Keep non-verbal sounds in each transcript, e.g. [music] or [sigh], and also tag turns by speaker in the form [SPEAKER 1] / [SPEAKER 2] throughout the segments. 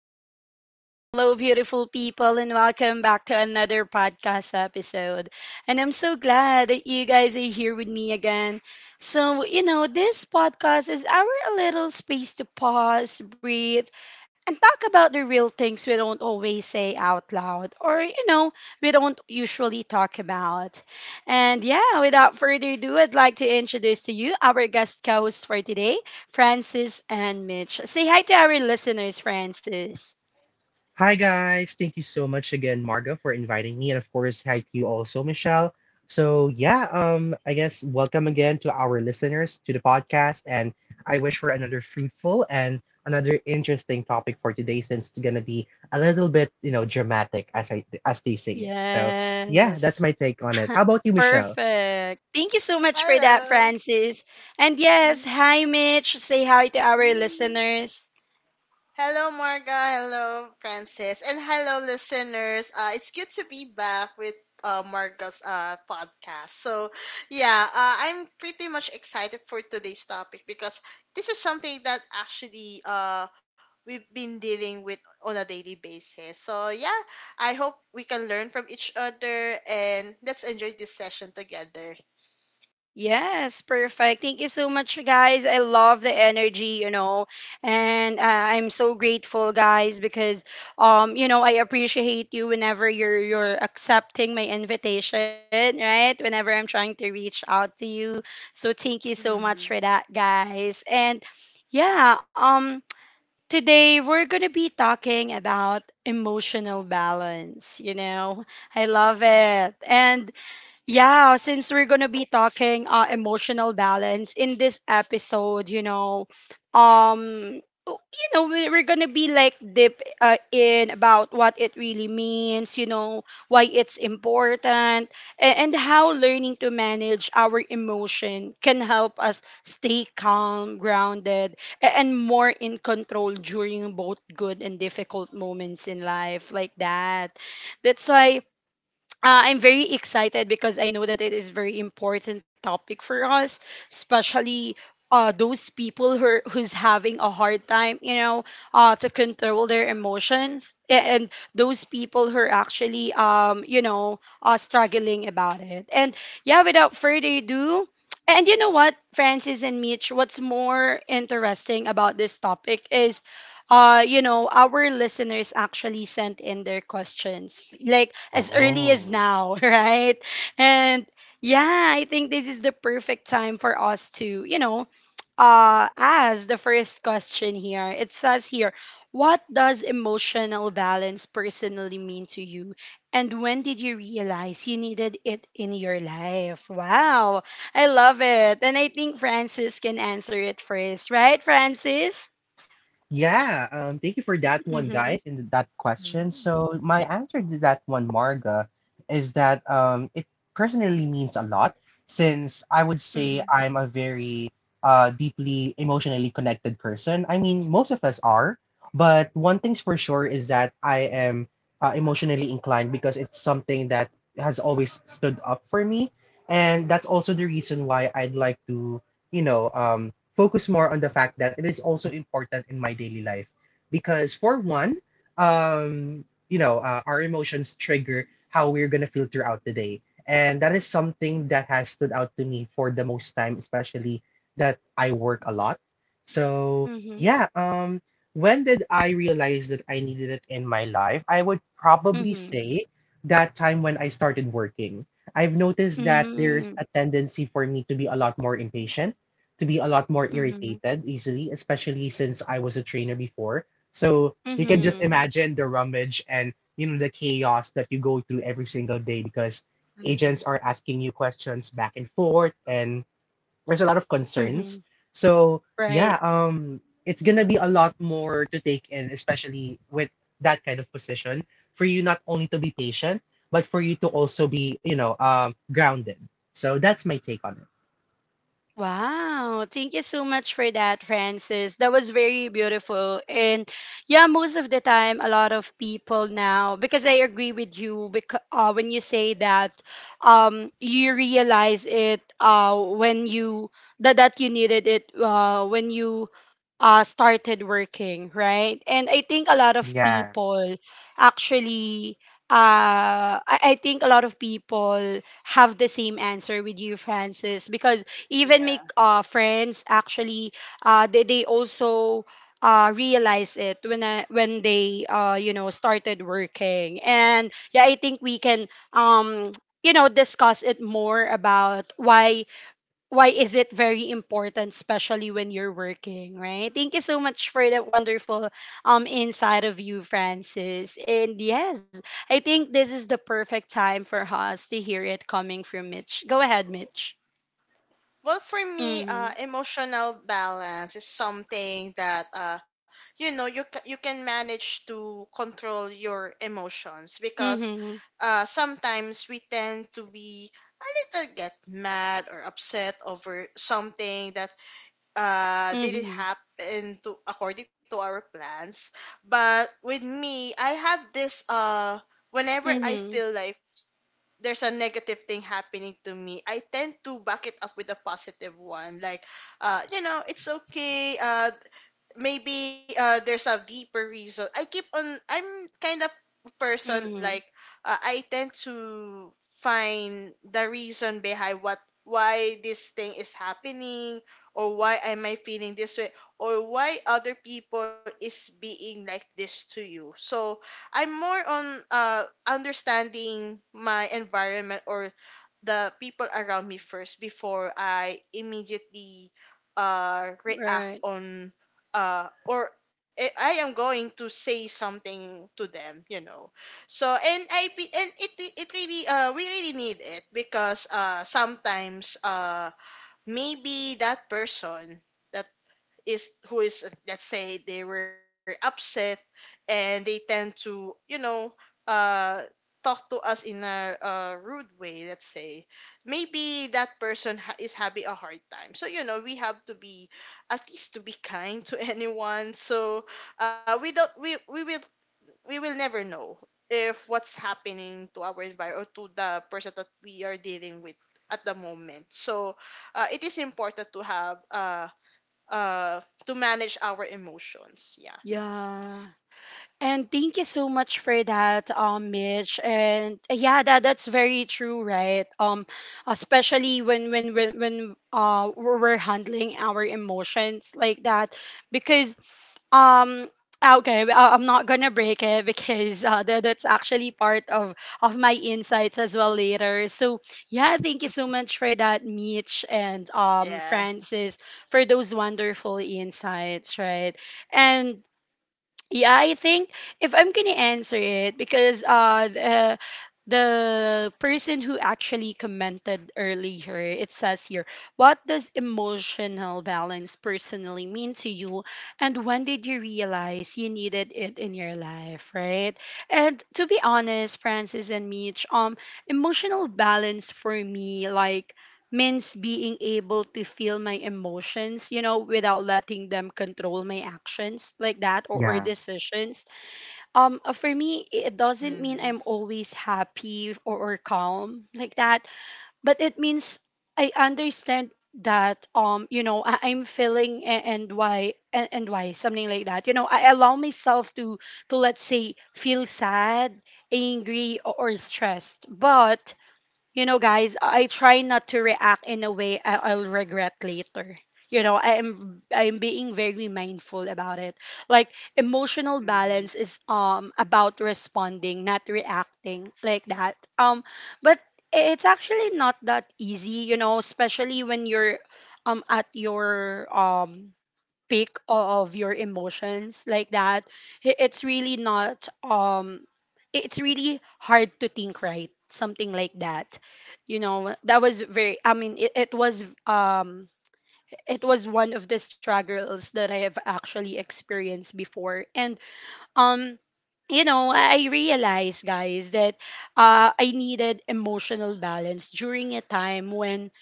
[SPEAKER 1] right. Hello, beautiful people, and welcome back to another podcast episode. And I'm so glad that you guys are here with me again. So, this podcast is our little space to pause, breathe, and talk about the real things we don't always say out loud or we don't usually talk about. And yeah, without further ado, I'd like to introduce to you our guest co host for today. Francis and Mitch. Say hi to our listeners, Francis.
[SPEAKER 2] Hi guys, thank you so much again, Marga, for inviting me, and of course, hi to you also, Michelle. I guess welcome again to our listeners to the podcast, and I wish for another fruitful and another interesting topic for today, since it's gonna be a little bit, you know, dramatic as I as they say it. So yeah, that's
[SPEAKER 1] Yes.
[SPEAKER 2] my take on it. How
[SPEAKER 1] [laughs]
[SPEAKER 2] about you, Michelle?
[SPEAKER 1] Perfect. Thank you so much for that,
[SPEAKER 3] Hello.
[SPEAKER 1] Francis. And yes,
[SPEAKER 3] Mhm.
[SPEAKER 1] hi, Mitch. Say hi to our
[SPEAKER 3] Mhm.
[SPEAKER 1] listeners.
[SPEAKER 3] Hello, Marga. Hello, Francis. And hello, listeners. It's good to be back with Marga's podcast. So, yeah, I'm pretty much excited for today's topic because this is something that actually we've been dealing with on a daily basis. So, yeah, I hope we can learn from each other and let's enjoy this session together.
[SPEAKER 1] Yes, perfect. Thank you so much, guys. I love the energy, and I'm so grateful, guys, because I appreciate you whenever you're accepting my invitation, right? Whenever I'm trying to reach out to you, so thank you so much for
[SPEAKER 3] Mm-hmm.
[SPEAKER 1] that, guys. And yeah, today we're gonna be talking about emotional balance. I love it, and yeah, since we're gonna be talking emotional balance in this episode, we're gonna be like deep in about what it really means, why it's important, and how learning to manage our emotion can help us stay calm, grounded, and more in control during both good and difficult moments in life, like that. That's why I'm very excited because I know that it is very important topic for us, especially those who's having a hard time, to control their emotions, and those people who are actually, struggling about it. And yeah, without further ado, and you know what, Francis and Mitch, what's more interesting about this topic is our listeners actually sent in their questions like as early as
[SPEAKER 2] Oh.
[SPEAKER 1] now. [laughs] Right? And yeah, I think this is the perfect time for us to ask the first question. Here it says here, what does emotional balance personally mean to you, and when did you realize you needed it in your life? Wow, I love it. And I think Francis can answer it first, right, Francis?
[SPEAKER 2] Yeah, Thank you for that one,
[SPEAKER 1] Mm-hmm.
[SPEAKER 2] guys, and that question. So my answer to that one, Marga, is that it personally means a lot since I would
[SPEAKER 1] Mm-hmm.
[SPEAKER 2] say I'm a very deeply emotionally connected person. I mean, most of us are, but one thing's for sure is that I am emotionally inclined because it's something that has always stood up for me, and that's also the reason why I'd like to, you know, focus more on the fact that it is also important in my daily life. Because for one, our emotions trigger how we're gonna feel throughout the day, and that is something that has stood out to me for the most time, especially that I work a lot. So
[SPEAKER 1] Mhm.
[SPEAKER 2] yeah, um, when did I realize that I needed it in my life? I would probably
[SPEAKER 1] Mhm.
[SPEAKER 2] say that time when I started working. I've noticed that there's
[SPEAKER 1] Mm.
[SPEAKER 2] a tendency for me to be a lot more impatient, to be a lot more
[SPEAKER 1] Mhm.
[SPEAKER 2] irritated easily, especially since I was a trainer before. So you can just
[SPEAKER 1] Mhm.
[SPEAKER 2] imagine the rummage and, you know, the chaos that you go through every single day because
[SPEAKER 3] Mm-hmm.
[SPEAKER 2] agents are asking you questions back and forth and there's a lot of
[SPEAKER 1] Mhm.
[SPEAKER 2] concerns. So
[SPEAKER 1] Right.
[SPEAKER 2] yeah, um it's gonna be a lot more to take in, especially with that kind of position, for you not only to be patient, but for you to also be, you know, grounded. So that's my take on it.
[SPEAKER 1] Wow. Thank you so much for that, Francis. That was very beautiful. And yeah, most of the time, a lot of people now, because I agree with you, because, when you say that, you realize it that you needed it when you started working, right? And I think a
[SPEAKER 2] Yeah,
[SPEAKER 1] lot of people actually, I think a lot of people have the same answer with you, Francis, because even my
[SPEAKER 3] Yeah.
[SPEAKER 1] friends actually, they also realize it when they started working. And yeah, I think we can discuss it more about why is it very important, especially when you're working, right? Thank you so much for that wonderful insight of you, Francis. And yes, I think this is the perfect time for us to hear it coming from Mitch. Go ahead, Mitch.
[SPEAKER 3] Well, for me,
[SPEAKER 1] Mm-hmm.
[SPEAKER 3] emotional balance is something that you know you can manage to control your emotions because
[SPEAKER 1] Mm-hmm.
[SPEAKER 3] sometimes we tend to be a little get mad or upset over something that didn't
[SPEAKER 1] Mm-hmm.
[SPEAKER 3] happen to according to our plans. But with me, I have this whenever I
[SPEAKER 1] Mm-hmm.
[SPEAKER 3] feel like there's a negative thing happening to me, I tend to back it up with a positive one. Like, you know, it's okay. Maybe there's a deeper reason. I keep on I'm kind of person like
[SPEAKER 1] Mm-hmm.
[SPEAKER 3] I tend to find the reason behind what why this thing is happening or why am I feeling this way or why other people is being like this to you. So I'm more on uh understanding my environment or the people around me first before I immediately react
[SPEAKER 1] Right.
[SPEAKER 3] on or I am going to say something to them, you know. So and I be- and it really we really need it because sometimes maybe that person is, let's say, they were upset and they tend to, you know, uh talk to us in a, uh, rude way, let's say. Maybe that person is having a hard time, so you know we have to be at least to be kind to [laughs] anyone. So uh we don't we we will we will never know if what's happening to our environment or to the person that we are dealing with at the moment. So it is important to have to manage our emotions. Yeah.
[SPEAKER 1] Yeah. And thank you so much for that, Mitch. And yeah, that's very true, right? Especially when we're handling our emotions like that, because um. Okay, I'm not gonna break it because that's actually part of my insights as well later. So yeah, thank you so much for that, Mitch and
[SPEAKER 3] Yeah.
[SPEAKER 1] Francis, for those wonderful insights, right? And yeah, I think if I'm gonna answer it, because the person who actually commented earlier, it says here, what does emotional balance personally mean to you, and when did you realize you needed it in your life, right? And to be honest, Francis and Mitch, emotional balance for me, like means being able to feel my emotions, without letting them control my actions like that or
[SPEAKER 2] yeah.
[SPEAKER 1] decisions. For me, it doesn't mean
[SPEAKER 3] Mm-hmm.
[SPEAKER 1] I'm always happy or calm like that, but it means I understand that I'm feeling and why and why something like that. You know, I allow myself to let's say feel sad, angry, or stressed, but you know, guys, I try not to react in a way I'll regret later. You know, I am being very mindful about it. Like emotional
[SPEAKER 3] Mm-hmm.
[SPEAKER 1] balance is about responding, not reacting like that. But it's actually not that easy, you know, especially when you're at your peak of your emotions like that. It's really not it's really hard to think right something like that. You know, that was very, I mean, it was one of the struggles that I have actually experienced before. And um, you know, I realized, guys, that I needed emotional balance during a time when,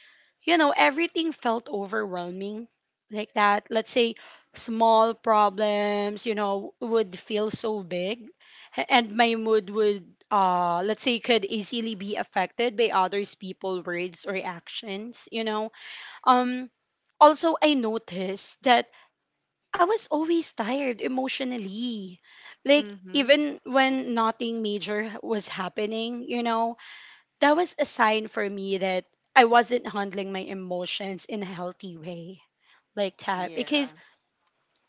[SPEAKER 1] you know, everything felt overwhelming like that. Let's say small problems, you know, would feel so big and my mood would let's say could easily be affected by others people words or actions, you know. Um, also I noticed that I was always tired emotionally. Like
[SPEAKER 3] Mm-hmm.
[SPEAKER 1] even when nothing major was happening, you know, that was a sign for me that I wasn't handling my emotions in a healthy way like that. Because
[SPEAKER 3] Yeah.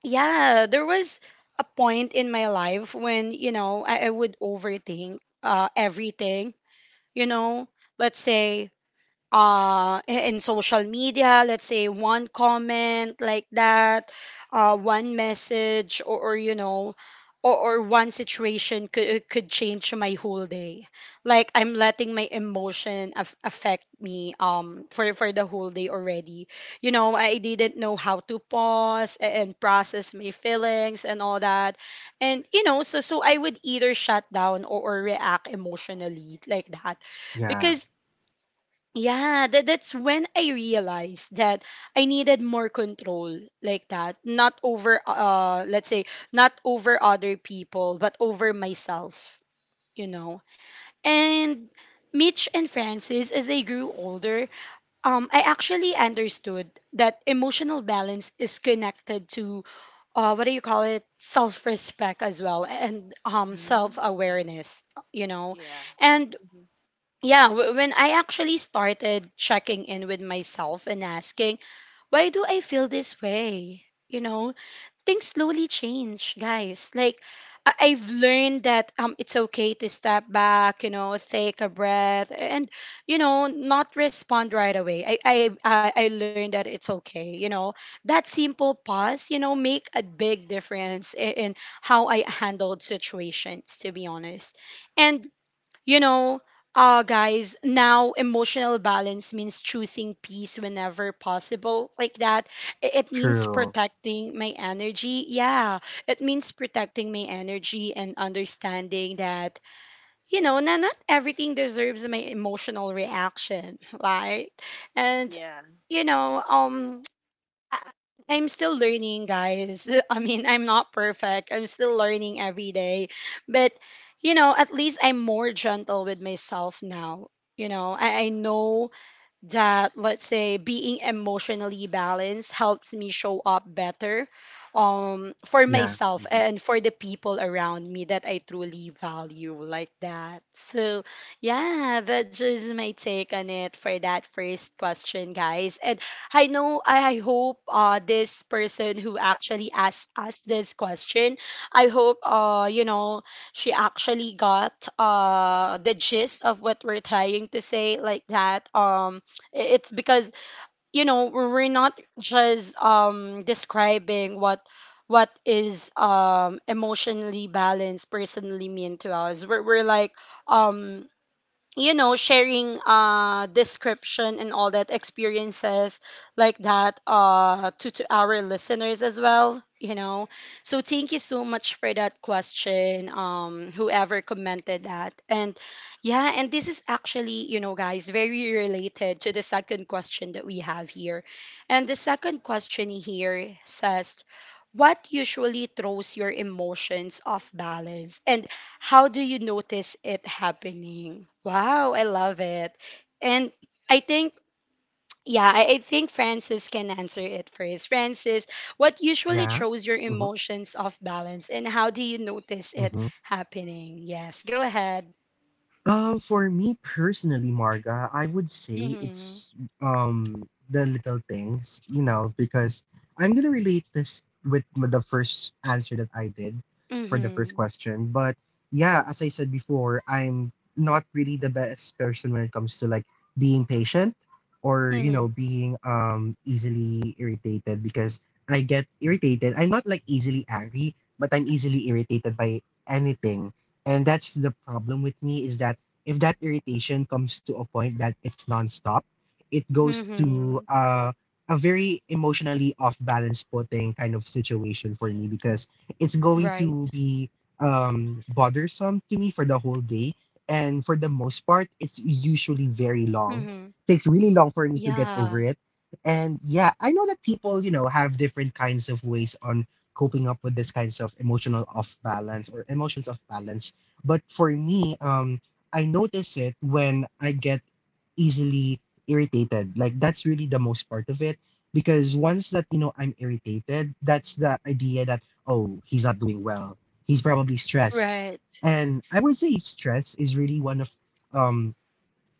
[SPEAKER 1] yeah, there was a point in my life when, you know, I would overthink everything, you know, let's say in social media. Let's say one comment like that, one message, or you know or one situation could change my whole day. Like I'm letting my emotion affect me for the whole day already. You know, I didn't know how to pause and process my feelings and all that. And you know, so I would either shut down or react emotionally like that.
[SPEAKER 2] Yeah,
[SPEAKER 1] Because yeah, that's when I realized that I needed more control like that. Not over, let's say, not over other people, but over myself, you know. And Mitch and Francis, as I grew older, I actually understood that emotional balance is connected to, what do you call it? Self-respect as well, and
[SPEAKER 3] Mm-hmm.
[SPEAKER 1] self-awareness, you know.
[SPEAKER 3] Yeah.
[SPEAKER 1] And
[SPEAKER 3] Hmm.
[SPEAKER 1] yeah, when I actually started checking in with myself and asking, why do I feel this way? You know, things slowly change, guys. Like, I've learned that it's okay to step back, you know, take a breath, and you know, not respond right away. I learned that it's okay. You know, that simple pause, you know, make a big difference in how I handled situations. To be honest, and you know, guys, now emotional balance means choosing peace whenever possible, like that. It means
[SPEAKER 2] true.
[SPEAKER 1] protecting my energy. Yeah, it means protecting my energy and understanding that, you know, not everything deserves my emotional reaction, [laughs] right? And,
[SPEAKER 3] Yeah.
[SPEAKER 1] you know, I- I'm still learning, guys. [laughs] I mean, I'm not perfect. I'm still learning every day. But, you know, at least I'm more gentle with myself now. You know, I know that let's say being emotionally balanced helps me show up better for
[SPEAKER 2] Yeah.
[SPEAKER 1] myself
[SPEAKER 2] Hmm.
[SPEAKER 1] and for the people around me that I truly value like that. So yeah, that's just my take on it for that first question, guys. And I know I hope this person who actually asked us this question, I hope you know she actually got the gist of what we're trying to say like that. Um, it's because you know we're not just describing what is emotionally balanced personally mean to us. We're like um you know sharing description and all that experiences like that to our listeners as well, you know. So thank you so much for that question, whoever commented that. And yeah, and this is actually, you know, guys, very related to the second question that we have here. And the second question here says, what usually throws your emotions off balance and how do you notice it happening? Wow, I love it. And I think, yeah, I think Francis can answer it first. Francis, what usually
[SPEAKER 2] Yeah.
[SPEAKER 1] throws your
[SPEAKER 2] hmm
[SPEAKER 1] emotions off balance and how do you notice it
[SPEAKER 2] hmm
[SPEAKER 1] happening? Yes, go ahead.
[SPEAKER 2] For me personally, Marga, I would say
[SPEAKER 1] Mm-hmm.
[SPEAKER 2] it's the little things, you know, because I'm gonna relate this with the first answer that I did for the first
[SPEAKER 1] Mm-hmm.
[SPEAKER 2] question. But yeah, as I said before, I'm not really the best person when it comes to like being patient or, you
[SPEAKER 1] Mm-hmm.
[SPEAKER 2] know, being easily irritated because I get irritated. I'm not like easily angry, but I'm easily irritated by anything, and that's the problem with me is that if that irritation comes to a point that it's nonstop, it goes to
[SPEAKER 1] Mm-hmm.
[SPEAKER 2] a very emotionally off balance putting kind of situation for me because it's going to
[SPEAKER 1] Right.
[SPEAKER 2] be bothersome to me for the whole day. And for the most part, it's usually very
[SPEAKER 1] Mm-hmm.
[SPEAKER 2] long. Takes really long for me to get
[SPEAKER 1] Yeah.
[SPEAKER 2] over it. And yeah, I know that people, you know, have different kinds of ways on coping up with this kinds of emotional off balance or emotions off balance, but for me, um, I notice it when I get easily irritated. Like that's really the most part of it. Because once that, you know, I'm irritated, that's the idea that, oh, he's not doing well. He's probably stressed.
[SPEAKER 1] Right.
[SPEAKER 2] And I would say stress is really one of, um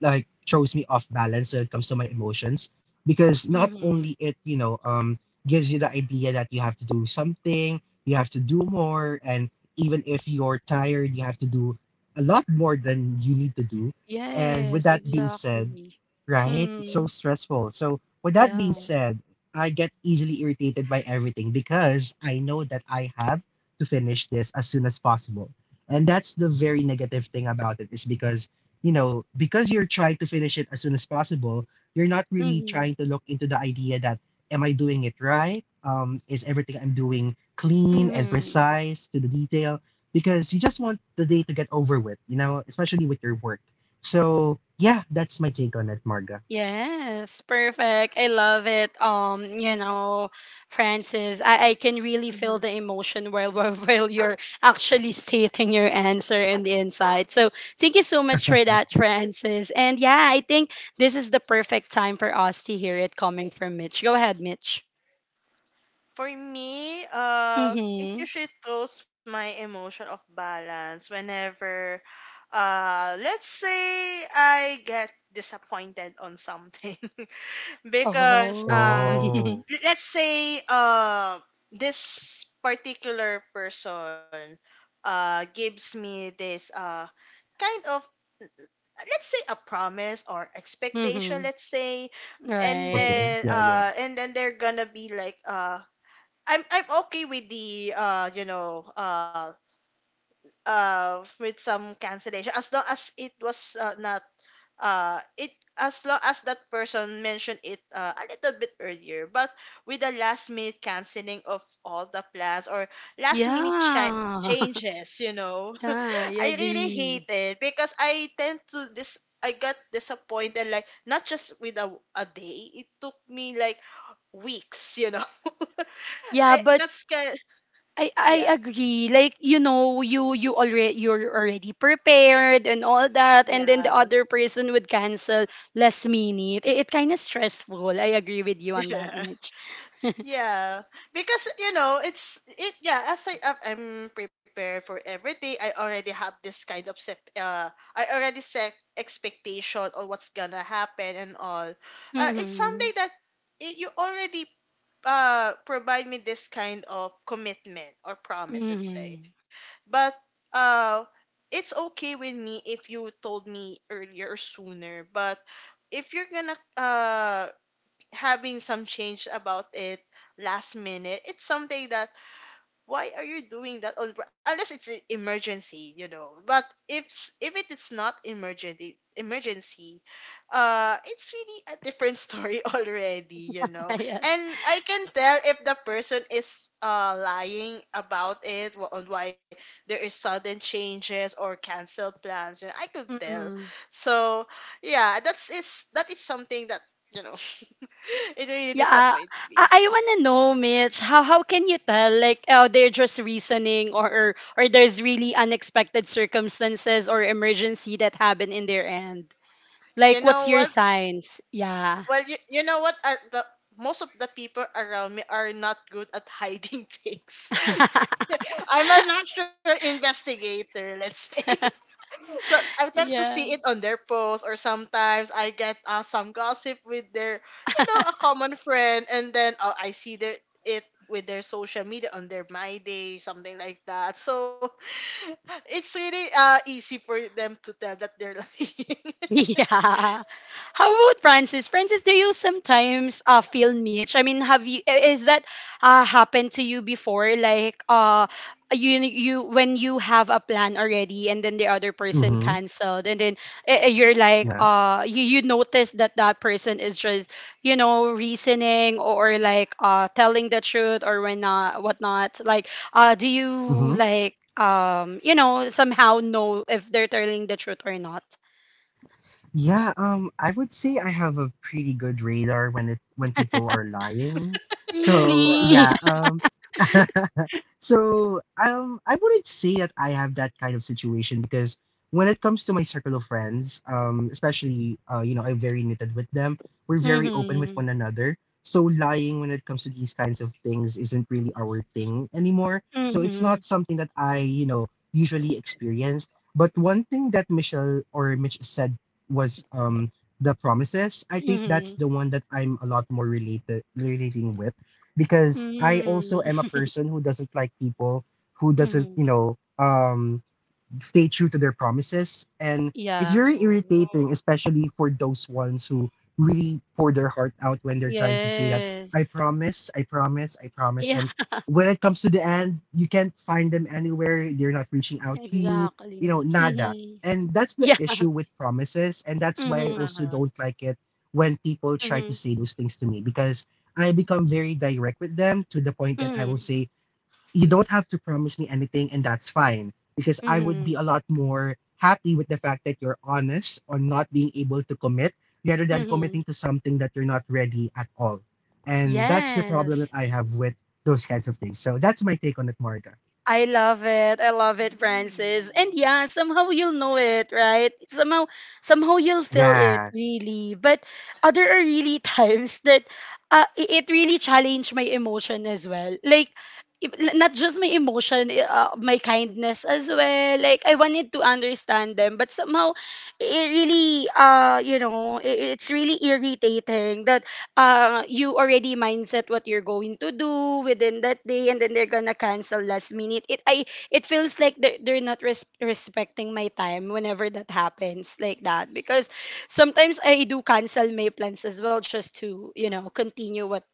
[SPEAKER 2] throws me off balance when it comes to my emotions because not
[SPEAKER 1] Mm-hmm.
[SPEAKER 2] only it, you know, gives you the idea that you have to do something, you have to do more, and even if you're tired you have to do a lot more than you need to do. And
[SPEAKER 1] Yes,
[SPEAKER 2] with that being said,
[SPEAKER 1] exactly.
[SPEAKER 2] right, it's
[SPEAKER 1] Mm-hmm.
[SPEAKER 2] so stressful. So with that
[SPEAKER 1] Yeah.
[SPEAKER 2] being said, I get easily irritated by everything because I know that I have to finish this as soon as possible, and that's the very negative thing about it is because, you know, because you're trying to finish it as soon as possible, you're not really
[SPEAKER 1] Mm-hmm.
[SPEAKER 2] trying to look into the idea that am I doing it right? Is everything I'm doing clean and
[SPEAKER 1] Mm-hmm.
[SPEAKER 2] precise to the detail? Because you just want the day to get over with, you know, especially with your work. So yeah, that's my take on it, Marga.
[SPEAKER 1] Yes, perfect. I love it. You know, Francis, I can really feel
[SPEAKER 3] Mm-hmm.
[SPEAKER 1] the emotion while, [laughs] while you're actually stating your answer and the insight. So thank you so much for that, Francis. And yeah, I think this is the perfect time for us to hear it coming from Mitch. Go ahead, Mitch.
[SPEAKER 3] For me, it
[SPEAKER 1] Mm-hmm.
[SPEAKER 3] usually throws my emotion off balance whenever, let's say, I get disappointed on something. Because
[SPEAKER 1] Oh. [laughs]
[SPEAKER 2] Oh,
[SPEAKER 3] let's say this particular person gives me this, uh, kind of, let's say, a promise or expectation,
[SPEAKER 1] Mm-hmm.
[SPEAKER 3] let's say. And
[SPEAKER 2] okay.
[SPEAKER 1] Right.
[SPEAKER 3] then
[SPEAKER 2] Yeah, yeah.
[SPEAKER 3] they're gonna be like, I'm okay with the with some cancellation, as long as it was not it as long as that person mentioned it a little bit earlier. But with the last minute canceling of all the plans or
[SPEAKER 1] Yeah. [laughs]
[SPEAKER 3] changes, you know, [laughs]
[SPEAKER 1] Yeah, I
[SPEAKER 3] I really hate
[SPEAKER 1] agree.
[SPEAKER 3] it because I tend to this I got disappointed like not just with a day. It took me like weeks, you know. [laughs]
[SPEAKER 1] Yeah,
[SPEAKER 3] I,
[SPEAKER 1] but
[SPEAKER 3] that's kind of,
[SPEAKER 1] I
[SPEAKER 3] yeah.
[SPEAKER 1] agree. Like, you you already you're already prepared and all that, and then
[SPEAKER 3] Yeah.
[SPEAKER 1] the other person would cancel last minute. It kind of stressful. I agree with you
[SPEAKER 3] [laughs]
[SPEAKER 1] on that,
[SPEAKER 3] Yeah.
[SPEAKER 1] Mitch.
[SPEAKER 3] Yeah, because you know it's it. Yeah, as I'm prepared for everything. I already have this kind of set. I already set expectation on what's gonna happen and all. It's
[SPEAKER 1] Mm-hmm.
[SPEAKER 3] something that I you already provide me this kind of commitment or promise, let's
[SPEAKER 1] Mm-hmm.
[SPEAKER 3] say. But uh, it's okay with me if you told me earlier or sooner. But if you're gonna, having some change about it last minute, it's something that, why are you doing that on unless it's an emergency, you know? But if it is not emergency emergency, it's really a different [laughs] story already, you know.
[SPEAKER 1] [laughs] Yes.
[SPEAKER 3] And I can tell if the person is lying about it, on why there is sudden changes or canceled plans, you know, I could tell.
[SPEAKER 1] Mm-hmm.
[SPEAKER 3] So yeah, that is something that, you know, [laughs] it really
[SPEAKER 1] Yeah.
[SPEAKER 3] disappoints
[SPEAKER 1] I,
[SPEAKER 3] me.
[SPEAKER 1] I wanna know, Mitch. How can you tell? Like, oh, they're just reasoning, or or there's really unexpected circumstances or emergency that happen in their end.
[SPEAKER 3] You
[SPEAKER 1] Like, what's
[SPEAKER 3] know
[SPEAKER 1] your
[SPEAKER 3] what?
[SPEAKER 1] signs? Yeah.
[SPEAKER 3] Well, you know what? Are the most of the people around me are not good at hiding [laughs] things.
[SPEAKER 1] [laughs]
[SPEAKER 3] I'm a natural investigator, let's say. [laughs] So I tend to see it
[SPEAKER 1] Yeah.
[SPEAKER 3] on their posts, or sometimes I get some gossip with their, you know,
[SPEAKER 1] [laughs]
[SPEAKER 3] a common friend, and then I see their it with their social media on their my day, something like that. So [laughs] it's really easy for them to tell that they're lying.
[SPEAKER 1] [laughs] Yeah. How about Francis? Francis, do you sometimes feel niche? I mean, have you is that happened to you before? Like you when you have a plan already and then the other person
[SPEAKER 2] Mm-hmm.
[SPEAKER 1] canceled and then you're like
[SPEAKER 2] Yeah.
[SPEAKER 1] you notice that that person is just you know reasoning, or like telling the truth or when not whatnot. Like do you
[SPEAKER 2] Mm-hmm.
[SPEAKER 1] like you know somehow know if they're telling the truth or not?
[SPEAKER 2] Yeah, I would say I have a pretty good radar when it when people are lying.
[SPEAKER 3] [laughs]
[SPEAKER 2] So
[SPEAKER 1] Really?
[SPEAKER 3] Wow.
[SPEAKER 2] yeah,
[SPEAKER 1] [laughs]
[SPEAKER 2] um, [laughs] I wouldn't say that I have that kind of situation because when it comes to my circle of friends, especially you know, I'm very knitted with them. We're very open with
[SPEAKER 1] Mhm.
[SPEAKER 2] one another. So lying when it comes to these kinds of things isn't really our thing anymore. So it's
[SPEAKER 1] Mhm.
[SPEAKER 2] not something that I, you know, usually experience. But one thing that Michelle or Mitch said was the promises. I think that's
[SPEAKER 1] Mhm.
[SPEAKER 2] the one that I'm a lot more related relating with because I also am a
[SPEAKER 1] Mhm.
[SPEAKER 2] person who doesn't like people who doesn't,
[SPEAKER 1] Mhm.
[SPEAKER 2] you know, stay true to their promises. And it's
[SPEAKER 1] Yeah.
[SPEAKER 2] very irritating,
[SPEAKER 3] Oh.
[SPEAKER 2] especially for those ones who really pour their heart out when they're trying to say that I
[SPEAKER 1] Yes.
[SPEAKER 2] promise, I promise, I promise.
[SPEAKER 1] Yeah.
[SPEAKER 2] And
[SPEAKER 1] [laughs]
[SPEAKER 2] when it comes to the end, you can't find them anywhere. They're not reaching out to you, you know,
[SPEAKER 1] Exactly.
[SPEAKER 2] nada.
[SPEAKER 1] Mhm.
[SPEAKER 2] And that's the
[SPEAKER 1] Yeah.
[SPEAKER 2] issue with promises. And that's why I
[SPEAKER 1] Mhm.
[SPEAKER 2] also don't
[SPEAKER 3] Uh-huh.
[SPEAKER 2] like it when people try to
[SPEAKER 1] Mhm.
[SPEAKER 2] say those things to me because I become very direct with them to the point that I will
[SPEAKER 1] Mhm.
[SPEAKER 2] say, you don't have to promise me anything and that's fine because I would
[SPEAKER 1] Mhm.
[SPEAKER 2] be a lot more happy with the fact that you're honest on not being able to commit rather than committing
[SPEAKER 1] Mhm.
[SPEAKER 2] to something that you're not ready at all. And that's the problem
[SPEAKER 1] Yes.
[SPEAKER 2] that I have with those kinds of things. So that's my take on it, Marga.
[SPEAKER 1] I love it. I love it, Francis. And
[SPEAKER 3] Mm.
[SPEAKER 1] yeah, somehow you'll know it, right? Somehow somehow you'll feel it
[SPEAKER 2] Yeah,
[SPEAKER 1] really. But there are really [laughs] times that it really challenged my emotion as well. Like not just my emotion, my kindness as well. Like I wanted to understand them, but somehow it really it's really irritating that you already mindset what you're going to do within that day and then they're gonna cancel last minute it I It feels like they're not respecting my time whenever that happens like that, because sometimes I do cancel my plans as well just to you know continue what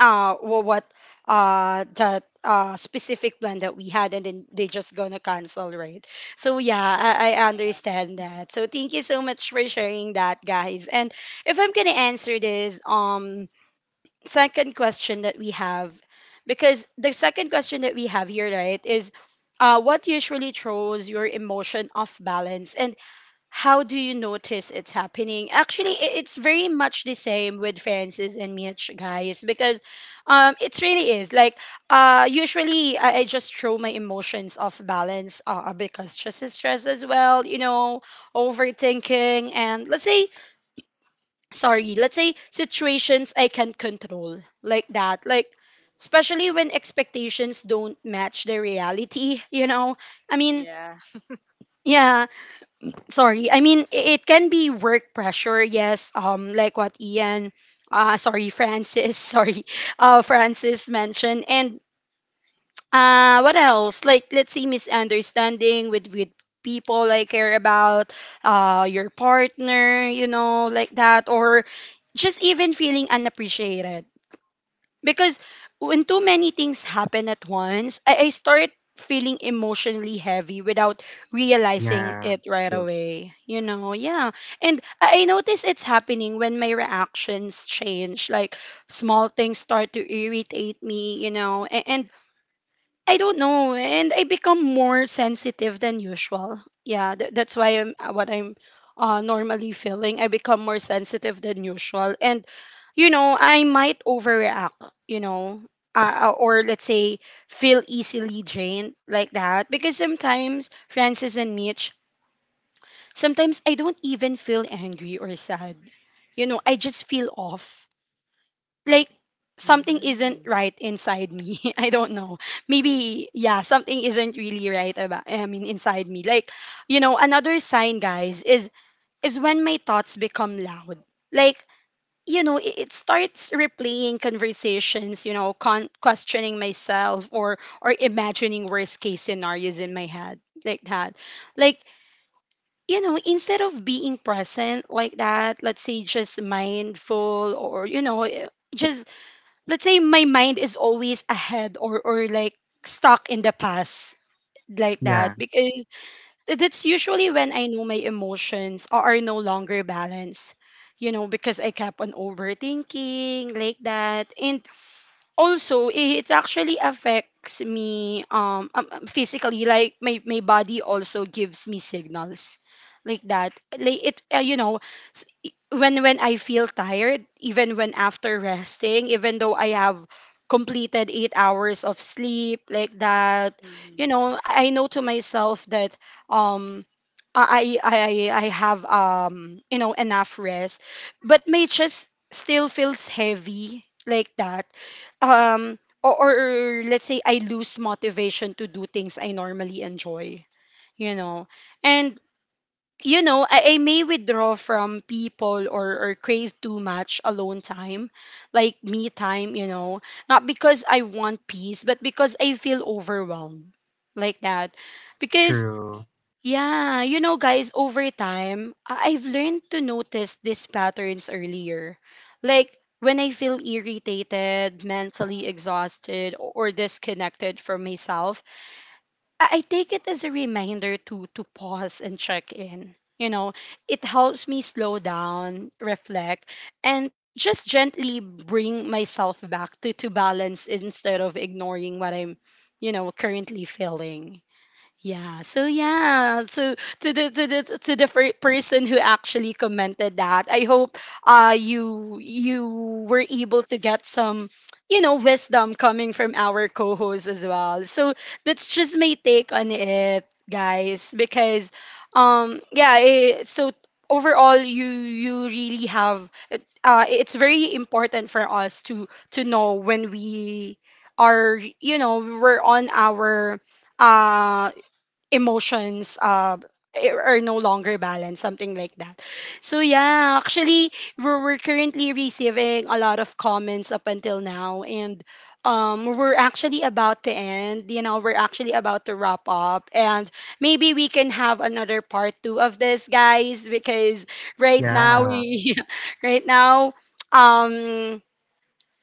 [SPEAKER 1] what that specific plan that we had, and then they just gonna cancel, right? So yeah, I
[SPEAKER 3] Yeah.
[SPEAKER 1] understand that, so thank you so much for sharing that, guys. And if I'm gonna answer this second question that we have, because the second question that we have here, right, is what usually throws your emotion off balance and how do you notice it's happening? Actually, it's very much the same with Francis and Mitch, guys, because it really is like usually I just throw my emotions off balance because stress is stress as well, you know, overthinking, and let's say sorry, let's say situations I can control like that. Like, especially when expectations don't match the reality, [laughs] you know? I mean,
[SPEAKER 3] Yeah.
[SPEAKER 1] yeah, sorry. I mean, it can be work pressure, yes, like what Ian, sorry, Francis, [laughs] sorry, Francis mentioned. And what else? Like, let's say misunderstanding with people I care about, your partner, you know, like that, or just even feeling unappreciated. Because when too many things happen at once, I start feeling emotionally heavy without realizing
[SPEAKER 2] yeah,
[SPEAKER 1] it right
[SPEAKER 2] true.
[SPEAKER 1] away. You know, yeah. And I notice it's happening when my reactions change. Like small things start to irritate me, you know, and I don't know, and I become more sensitive than usual. Yeah, that's why I'm what I'm normally feeling. I become more sensitive than usual, and you know, I might overreact. You know, or let's say feel easily drained like that. Because sometimes Francis and Mitch, sometimes I don't even feel angry or sad. You know, I just feel off, like something isn't
[SPEAKER 3] Mm-hmm.
[SPEAKER 1] right inside me. [laughs] I don't know. Maybe yeah, something isn't really right about I mean inside me. Like, you know, another sign, guys, is when my thoughts become loud. Like, you know, it starts replaying conversations, you know, questioning myself, or imagining worst-case scenarios in my head like that. Like you know, instead of being present like that, let's say just mindful, or, you know, just let's say my mind is always ahead, or like stuck in the past like that,
[SPEAKER 2] Yeah,
[SPEAKER 1] because that's usually when I know my emotions are no longer balanced. You know, because I kept on overthinking like that. And also it actually affects me physically, like my body also gives me signals like that, like it you know when I feel tired even when after resting, even though I have completed 8 hours of sleep like that, you
[SPEAKER 3] Mm-hmm.
[SPEAKER 1] know I know to myself that um I have you know enough rest, but may just still feels heavy like that, or let's say I lose motivation to do things I normally enjoy, you know. And you know, I may withdraw from people, or crave too much alone time, like me time, you know, not because I want peace, but because I feel overwhelmed like that. Because
[SPEAKER 2] true.
[SPEAKER 1] yeah, you know, guys, over time, I've learned to notice these patterns earlier. Like when I feel irritated, mentally exhausted, or disconnected from myself, I take it as a reminder to pause and check in. You know, it helps me slow down, reflect, and just gently bring myself back to balance, instead of ignoring what I'm, you know, currently feeling. Yeah. So yeah. So to the to the to the person who actually commented that, I hope you you were able to get some you know wisdom coming from our co-host as well. So that's just my take on it, guys. Because yeah. It, so overall, you really have it's very important for us to know when we are you know we're on our uh emotions are no longer balanced, something like that. So yeah, actually we're currently receiving a lot of comments up until now, and we're actually about to end, you know, we're actually about to wrap up, and maybe we can have another part 2 of this, guys, because right now
[SPEAKER 2] Yeah,
[SPEAKER 1] we [laughs] right now um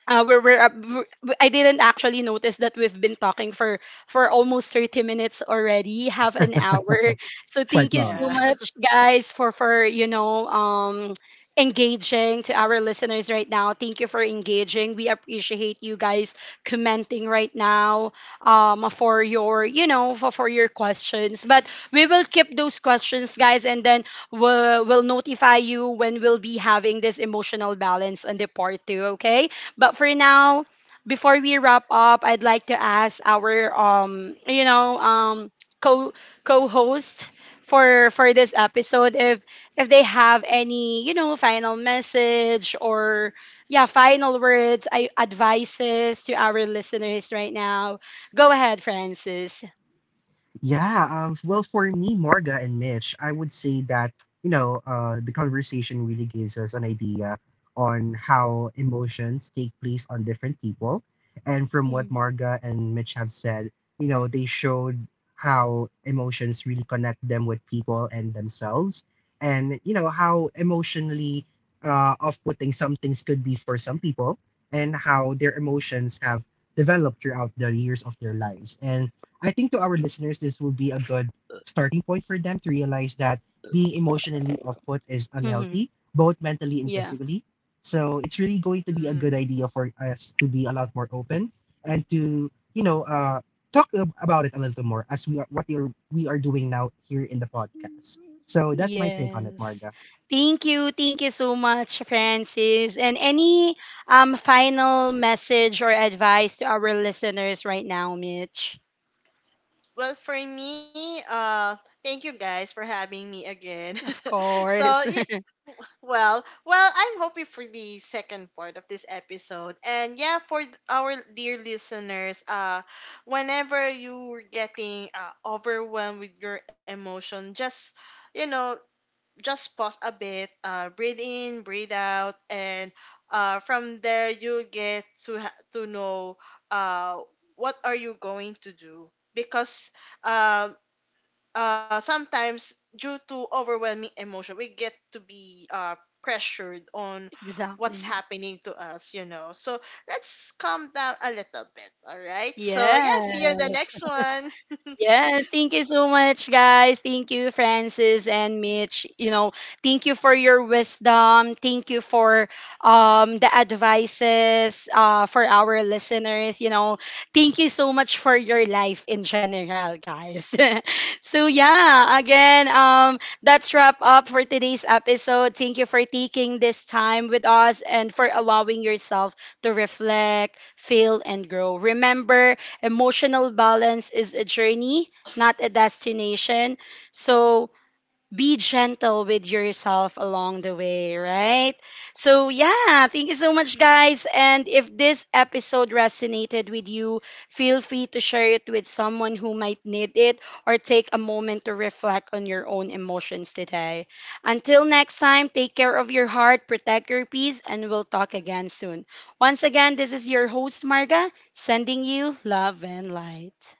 [SPEAKER 1] I didn't actually notice that we've been talking for almost 30 minutes already, half an
[SPEAKER 2] [laughs]
[SPEAKER 1] hour. So thank
[SPEAKER 2] quite
[SPEAKER 1] you so
[SPEAKER 2] long.
[SPEAKER 3] Yeah. [laughs]
[SPEAKER 1] much, guys, for you know engaging to our listeners right now. Thank you for engaging. We appreciate you guys commenting right now for your you know for your questions. But we will keep those questions, guys, and then we'll notify you when we'll be having this emotional balance on the part two. Okay. But for now, before we wrap up, I'd like to ask our you know, co co-host for this episode if they have any, you know, final message or yeah, final words, advices to our listeners right now. Go ahead, Francis.
[SPEAKER 2] Yeah, well, for me, Morga and Mitch, I would say that, you know, the conversation really gives us an idea on how emotions take place on different people. And from what Morga and Mitch have said, you know, they showed how emotions really connect them with people and themselves. And, you know, how emotionally off putting some things could be for some people and how their emotions have developed throughout the years of their lives. And I think to our listeners, this will be a good starting point for them to realize that being emotionally off put is
[SPEAKER 1] Mm-hmm.
[SPEAKER 2] unhealthy, both mentally and
[SPEAKER 1] Yeah.
[SPEAKER 2] physically. So it's really going to be a good
[SPEAKER 3] Mm.
[SPEAKER 2] idea for us to be a lot more open and to, you know, talk about it a little more as we are what we are doing now here in the podcast. So that's my take on it,
[SPEAKER 1] Yes.
[SPEAKER 2] Marga.
[SPEAKER 1] Thank you. Thank you so much, Francis. And any final message or advice to our listeners right now, Mitch?
[SPEAKER 3] Well, for me, thank you guys for having me again.
[SPEAKER 1] Of
[SPEAKER 3] [laughs] So,
[SPEAKER 1] course.
[SPEAKER 3] yeah,
[SPEAKER 1] [laughs]
[SPEAKER 3] well, I'm hoping for the second part of this episode. And yeah, for our dear listeners, whenever you're getting overwhelmed with your emotion, just you know, just pause a bit, breathe in, breathe out, and from there you get to to know uh, what are you going to do. Because uh, sometimes due to overwhelming emotion we get to be, pressured on what's
[SPEAKER 1] Exactly.
[SPEAKER 3] happening to us, you know. So let's calm down a little bit, all right? So yeah, see you in the
[SPEAKER 1] Yes.
[SPEAKER 3] next one.
[SPEAKER 1] Yes, thank you so much, guys. Thank you, Francis and Mitch. You know, thank you for your wisdom. Thank you for the advices for our listeners. You know, thank you so much for your life in general, guys. [laughs] So yeah, again, that's wrap up for today's episode. Thank you for taking this time with us and for allowing yourself to reflect, feel, and grow. Remember, emotional balance is a journey, not a destination. So be gentle with yourself along the way, right? So, yeah, thank you so much, guys. And if this episode resonated with you, feel free to share it with someone who might need it, or take a moment to reflect on your own emotions today. Until next time, take care of your heart, protect your peace, and we'll talk again soon. Once again, this is your host, Marga, sending you love and light.